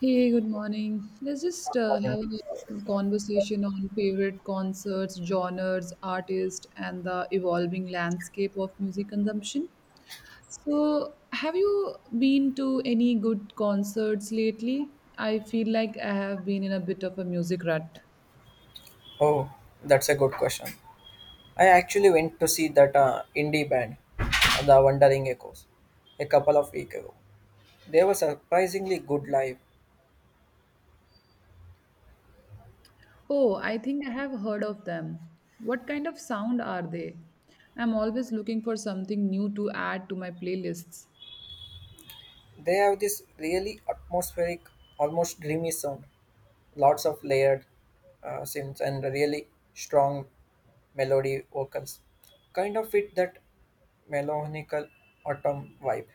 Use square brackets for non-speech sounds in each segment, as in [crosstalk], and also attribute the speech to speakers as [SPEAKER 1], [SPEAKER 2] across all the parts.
[SPEAKER 1] Hey, good morning. Let's just have a conversation on favorite concerts, genres, artists, and the evolving landscape of music consumption. So, have you been to any good concerts lately? I feel like I have been in a bit of a music rut.
[SPEAKER 2] Oh, that's a good question. I actually went to see that indie band, The Wandering Echoes, a couple of weeks ago. They were surprisingly good live.
[SPEAKER 1] Oh, I think I have heard of them. What kind of sound are they? I'm always looking for something new to add to my playlists.
[SPEAKER 2] They have this really atmospheric, almost dreamy sound, lots of layered synths and really strong melody vocals. Kind of fit that melancholical autumn vibe.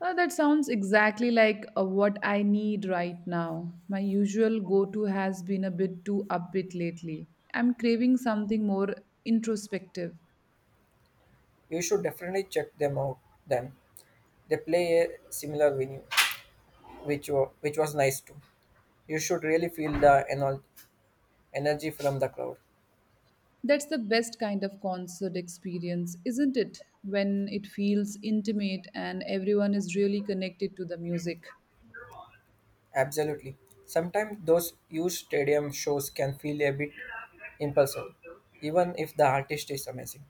[SPEAKER 1] That sounds exactly like what I need right now. My usual go to has been a bit too upbeat lately. I'm craving something more introspective.
[SPEAKER 2] You should definitely check them out. Then they play a similar venue. Which was nice too. You should really feel the energy from the crowd.
[SPEAKER 1] That's the best kind of concert experience, isn't it? When it feels intimate and everyone is really connected to the music.
[SPEAKER 2] Absolutely. Sometimes those huge stadium shows can feel a bit impulsive, even if the artist is amazing.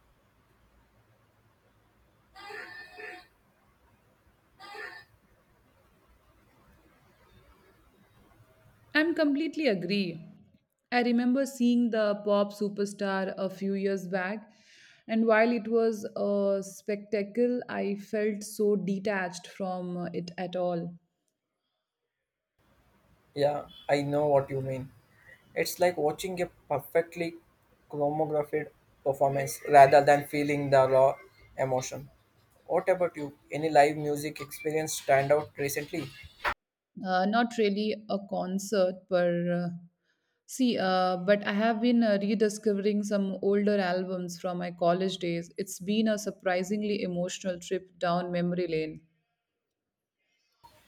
[SPEAKER 1] I'm completely agree. I remember seeing the pop superstar a few years back, and while it was a spectacle, I felt so detached from it at all.
[SPEAKER 2] Yeah, I know what you mean. It's like watching a perfectly chromatographed performance rather than feeling the raw emotion. What about you? Any live music experience stand out recently?
[SPEAKER 1] Not really a concert, but uh, but I have been rediscovering some older albums from my college days. It's been a surprisingly emotional trip down memory lane.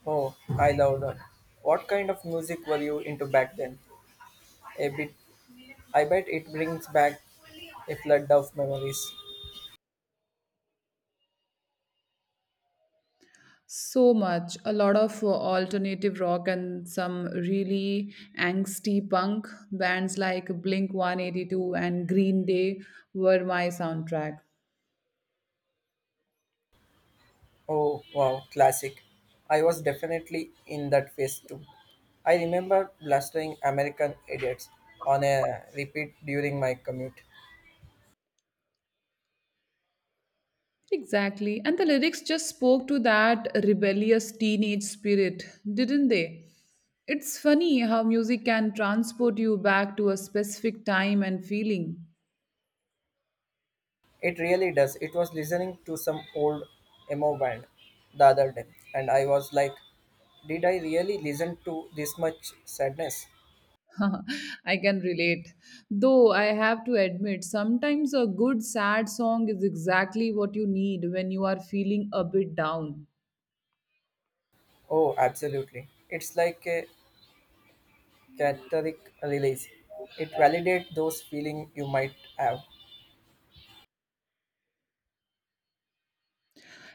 [SPEAKER 2] Oh, I love that. What kind of music were you into back then? A bit. I bet it brings back a flood of memories.
[SPEAKER 1] So much, a lot of alternative rock and some really angsty punk bands like Blink 182 and Green Day were my soundtrack.
[SPEAKER 2] Oh, wow, classic. I was definitely in that phase too. I remember blastering American Idiots on a repeat during my commute.
[SPEAKER 1] Exactly. And the lyrics just spoke to that rebellious teenage spirit, didn't they? It's funny how music can transport you back to a specific time and feeling.
[SPEAKER 2] It really does. It was listening to some old emo band the other day, and I was like, did I really listen to this much sadness?
[SPEAKER 1] [laughs] I can relate. Though I have to admit, sometimes a good sad song is exactly what you need when you are feeling a bit down.
[SPEAKER 2] Oh, absolutely. It's like a cathartic release. It validates those feelings you might have.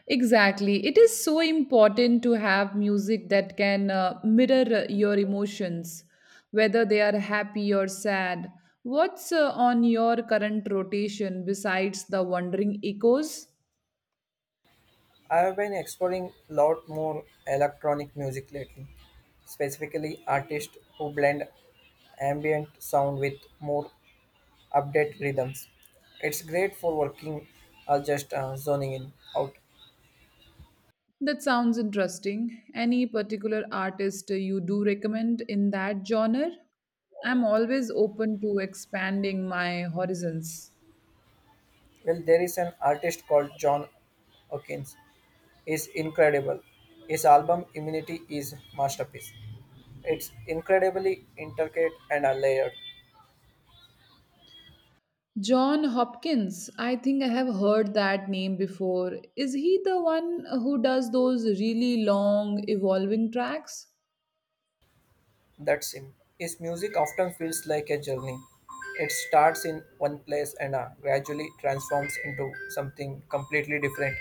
[SPEAKER 1] Exactly. It is so important to have music that can mirror your emotions, whether they are happy or sad. What's on your current rotation besides the Wandering Echoes?
[SPEAKER 2] I have been exploring a lot more electronic music lately, specifically artists who blend ambient sound with more updated rhythms. It's great for working or just zoning in out.
[SPEAKER 1] That sounds interesting. Any particular artist you do recommend in that genre? I'm always open to expanding my horizons.
[SPEAKER 2] Well, there is an artist called John Hawkins. Is incredible. His album Immunity is masterpiece. It's incredibly intricate and are layered.
[SPEAKER 1] John Hopkins, I think I have heard that name before. Is he the one who does those really long evolving tracks?
[SPEAKER 2] That's him. His music often feels like a journey. It starts in one place and gradually transforms into something completely different.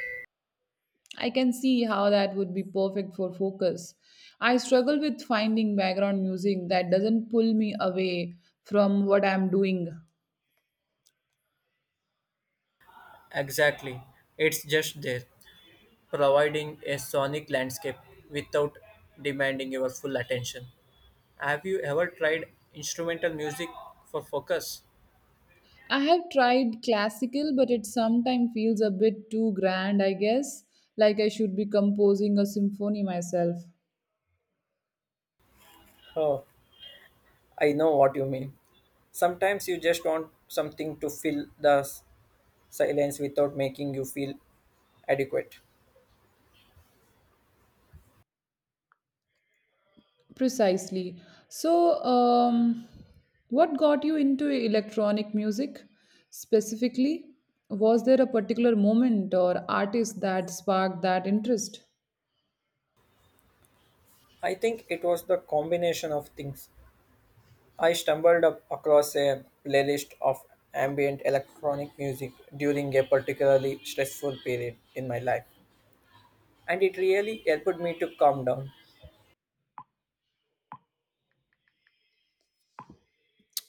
[SPEAKER 1] I can see how that would be perfect for focus. I struggle with finding background music that doesn't pull me away from what I'm doing.
[SPEAKER 2] Exactly. It's just there, providing a sonic landscape without demanding your full attention. Have you ever tried instrumental music for focus?
[SPEAKER 1] I have tried classical, but it sometimes feels a bit too grand, I guess, like I should be composing a symphony myself.
[SPEAKER 2] Oh, I know what you mean. Sometimes you just want something to fill the silence without making you feel adequate.
[SPEAKER 1] Precisely. So, what got you into electronic music specifically? Was there a particular moment or artist that sparked that interest?
[SPEAKER 2] I think it was the combination of things. I stumbled up across a playlist of ambient electronic music during a particularly stressful period in my life, and it really helped me to calm down.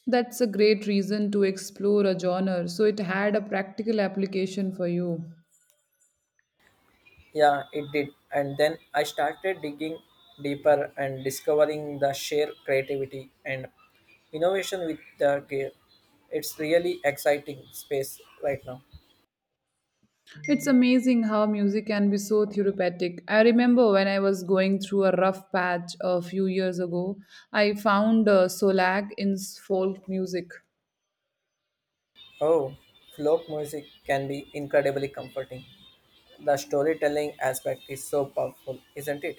[SPEAKER 1] That's a great reason to explore a genre, so it had a practical application for you.
[SPEAKER 2] Yeah, it did. And then I started digging deeper and discovering the sheer creativity and innovation with the gear. It's really exciting space right now.
[SPEAKER 1] It's amazing how music can be so therapeutic. I remember when I was going through a rough patch a few years ago, I found Solag in folk music.
[SPEAKER 2] Oh, folk music can be incredibly comforting. The storytelling aspect is so powerful, isn't it?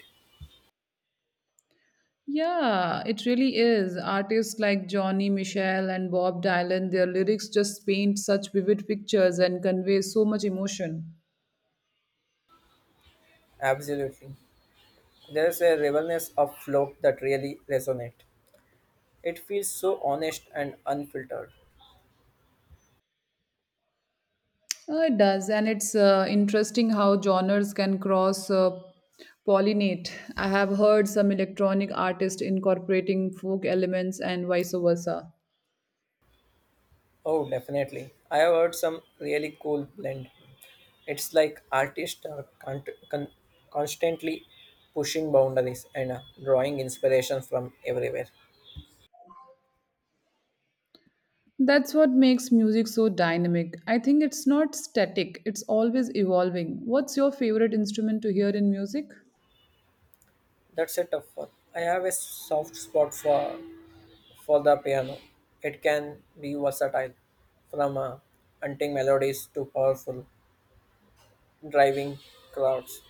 [SPEAKER 1] Yeah, it really is. Artists like Johnny Mitchell and Bob Dylan, their lyrics just paint such vivid pictures and convey so much emotion.
[SPEAKER 2] Absolutely. There's a realness of folk that really resonates. It feels so honest and unfiltered.
[SPEAKER 1] It does, and it's interesting how genres can cross pollinate. I have heard some electronic artists incorporating folk elements and vice versa.
[SPEAKER 2] Oh, definitely. I have heard some really cool blend. It's like artists are con- constantly pushing boundaries and drawing inspiration from everywhere.
[SPEAKER 1] That's what makes music so dynamic. I think it's not static, it's always evolving. What's your favorite instrument to hear in music?
[SPEAKER 2] That's a tough one. I have a soft spot for the piano. It can be versatile, from hunting melodies to powerful driving crowds.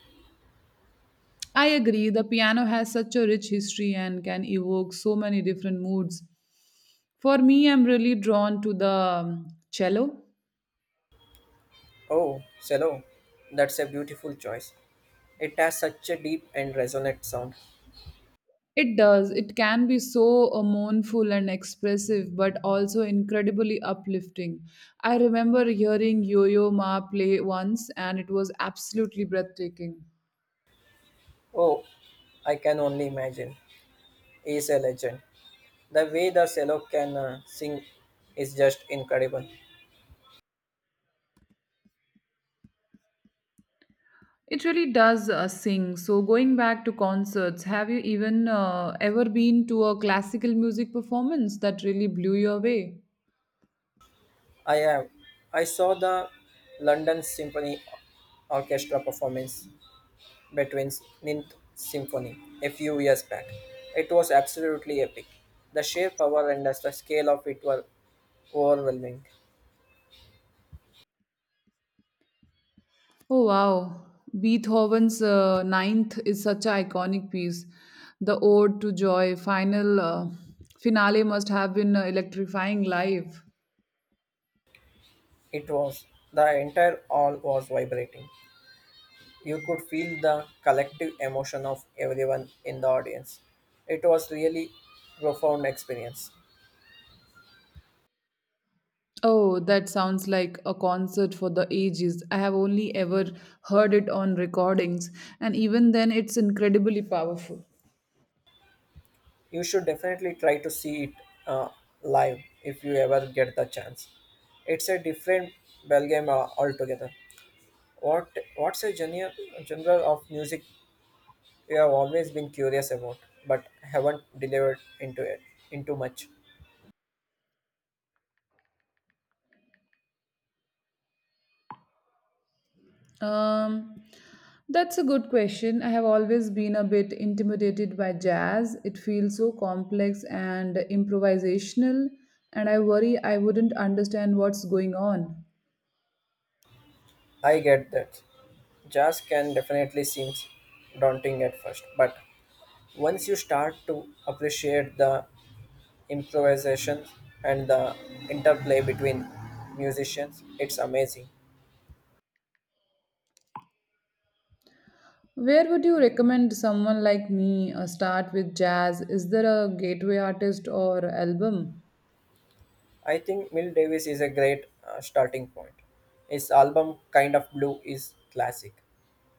[SPEAKER 1] I agree, the piano has such a rich history and can evoke so many different moods. For me, I'm really drawn to the cello.
[SPEAKER 2] Oh, cello. That's a beautiful choice. It has such a deep and resonant sound.
[SPEAKER 1] It does. It can be so mournful and expressive, but also incredibly uplifting. I remember hearing Yo Yo Ma play once, and it was absolutely breathtaking.
[SPEAKER 2] Oh, I can only imagine. He is a legend. The way the cello can sing is just incredible.
[SPEAKER 1] It really does sing. So, going back to concerts, have you even ever been to a classical music performance that really blew you away?
[SPEAKER 2] I have. I saw the London Symphony Orchestra performance between Ninth Symphony a few years back. It was absolutely epic. The sheer power and the scale of it were overwhelming.
[SPEAKER 1] Oh wow, Beethoven's Ninth is such an iconic piece. The Ode to Joy finale must have been electrifying live.
[SPEAKER 2] It was. The entire hall was vibrating. You could feel the collective emotion of everyone in the audience. It was really profound experience.
[SPEAKER 1] Oh, that sounds like a concert for the ages. I have only ever heard it on recordings, and even then, it's incredibly powerful.
[SPEAKER 2] You should definitely try to see it uh, live if you ever get the chance. It's a different ballgame altogether. What what's a genre of music you have always been curious about, but haven't delivered into it into much?
[SPEAKER 1] Um, that's a good question. I have always been a bit intimidated by jazz. It feels so complex and improvisational, and I worry I wouldn't understand what's going on.
[SPEAKER 2] I get that. Jazz can definitely seem daunting at first, but once you start to appreciate the improvisation and the interplay between musicians, it's amazing.
[SPEAKER 1] Where would you recommend someone like me start with jazz? Is there a gateway artist or album?
[SPEAKER 2] I think Mill Davis is a great starting point. His album Kind of Blue is classic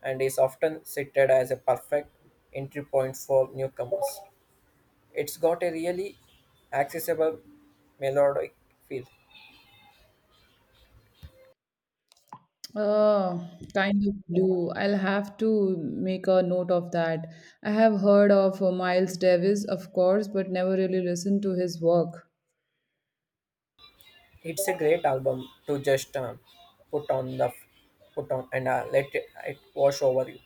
[SPEAKER 2] and is often cited as a perfect entry point for newcomers. It's got a really accessible melodic feel.
[SPEAKER 1] Oh, kind of do. I'll have to make a note of that. I have heard of Miles Davis, of course, but never really listened to his work.
[SPEAKER 2] It's a great album to just put on the put on and let it wash over you.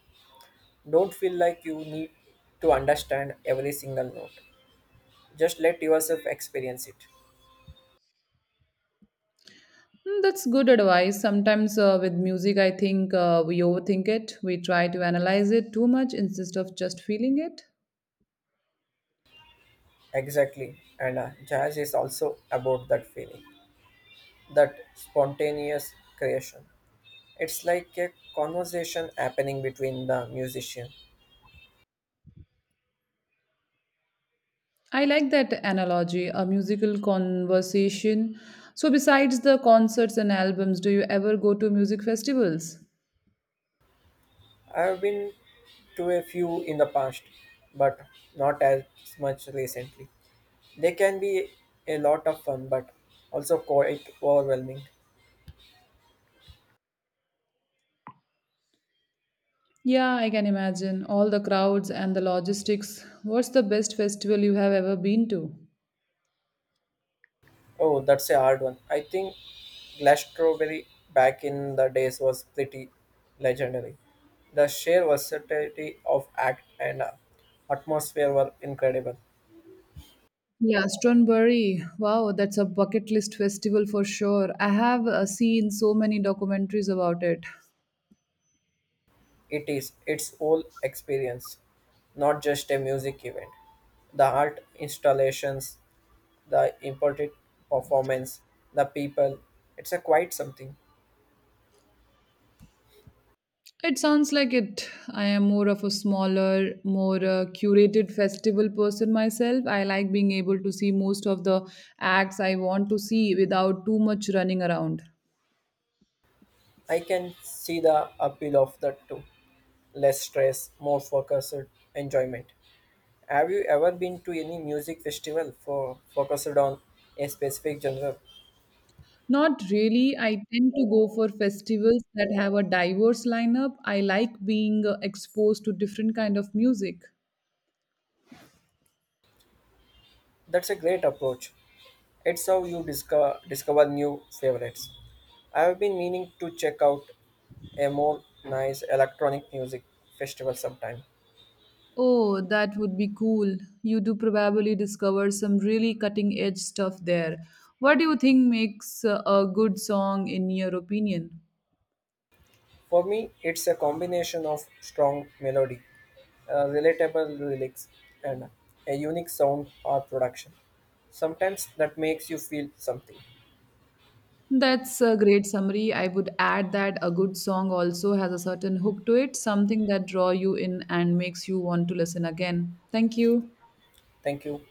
[SPEAKER 2] Don't feel like you need to understand every single note. Just let yourself experience it.
[SPEAKER 1] Hmm, that's good advice. Sometimes with music, I think we overthink it. We try to analyze it too much instead of just feeling it.
[SPEAKER 2] Exactly. And jazz is also about that feeling, that spontaneous creation. It's like a conversation happening between the musician.
[SPEAKER 1] I like that analogy, a musical conversation. So, besides the concerts and albums, do you ever go to music festivals?
[SPEAKER 2] I've been to a few in the past, but not as much recently. They can be a lot of fun, but also quite overwhelming.
[SPEAKER 1] Yeah, I can imagine. All the crowds and the logistics. What's the best festival you have ever been to?
[SPEAKER 2] Oh, that's a hard one. I think Glastonbury back in the days was pretty legendary. The sheer versatility of act and atmosphere were incredible.
[SPEAKER 1] Yeah, Stronbury. Wow, that's a bucket list festival for sure. I have seen so many documentaries about it.
[SPEAKER 2] It is its whole experience, not just a music event. The art installations, the imported performance, the people, it's a quite something.
[SPEAKER 1] It sounds like it. I am more of a smaller, more curated festival person myself. I like being able to see most of the acts I want to see without too much running around.
[SPEAKER 2] I can see the appeal of that too. Less stress, more focused enjoyment. Have you ever been to any music festival for focused on a specific genre?
[SPEAKER 1] Not really. I tend to go for festivals that have a diverse lineup. I like being exposed to different kind of music.
[SPEAKER 2] That's a great approach. It's how you discover new favorites. I have been meaning to check out a more nice electronic music festival sometime.
[SPEAKER 1] Oh, that would be cool. You do probably discover some really cutting edge stuff there. What do you think makes a good song in your opinion?
[SPEAKER 2] For me, it's a combination of strong melody, relatable lyrics, and a unique sound or production. Sometimes that makes you feel something.
[SPEAKER 1] That's a great summary. I would add that a good song also has a certain hook to it, something that draw you in and makes you want to listen again. Thank you.
[SPEAKER 2] Thank you.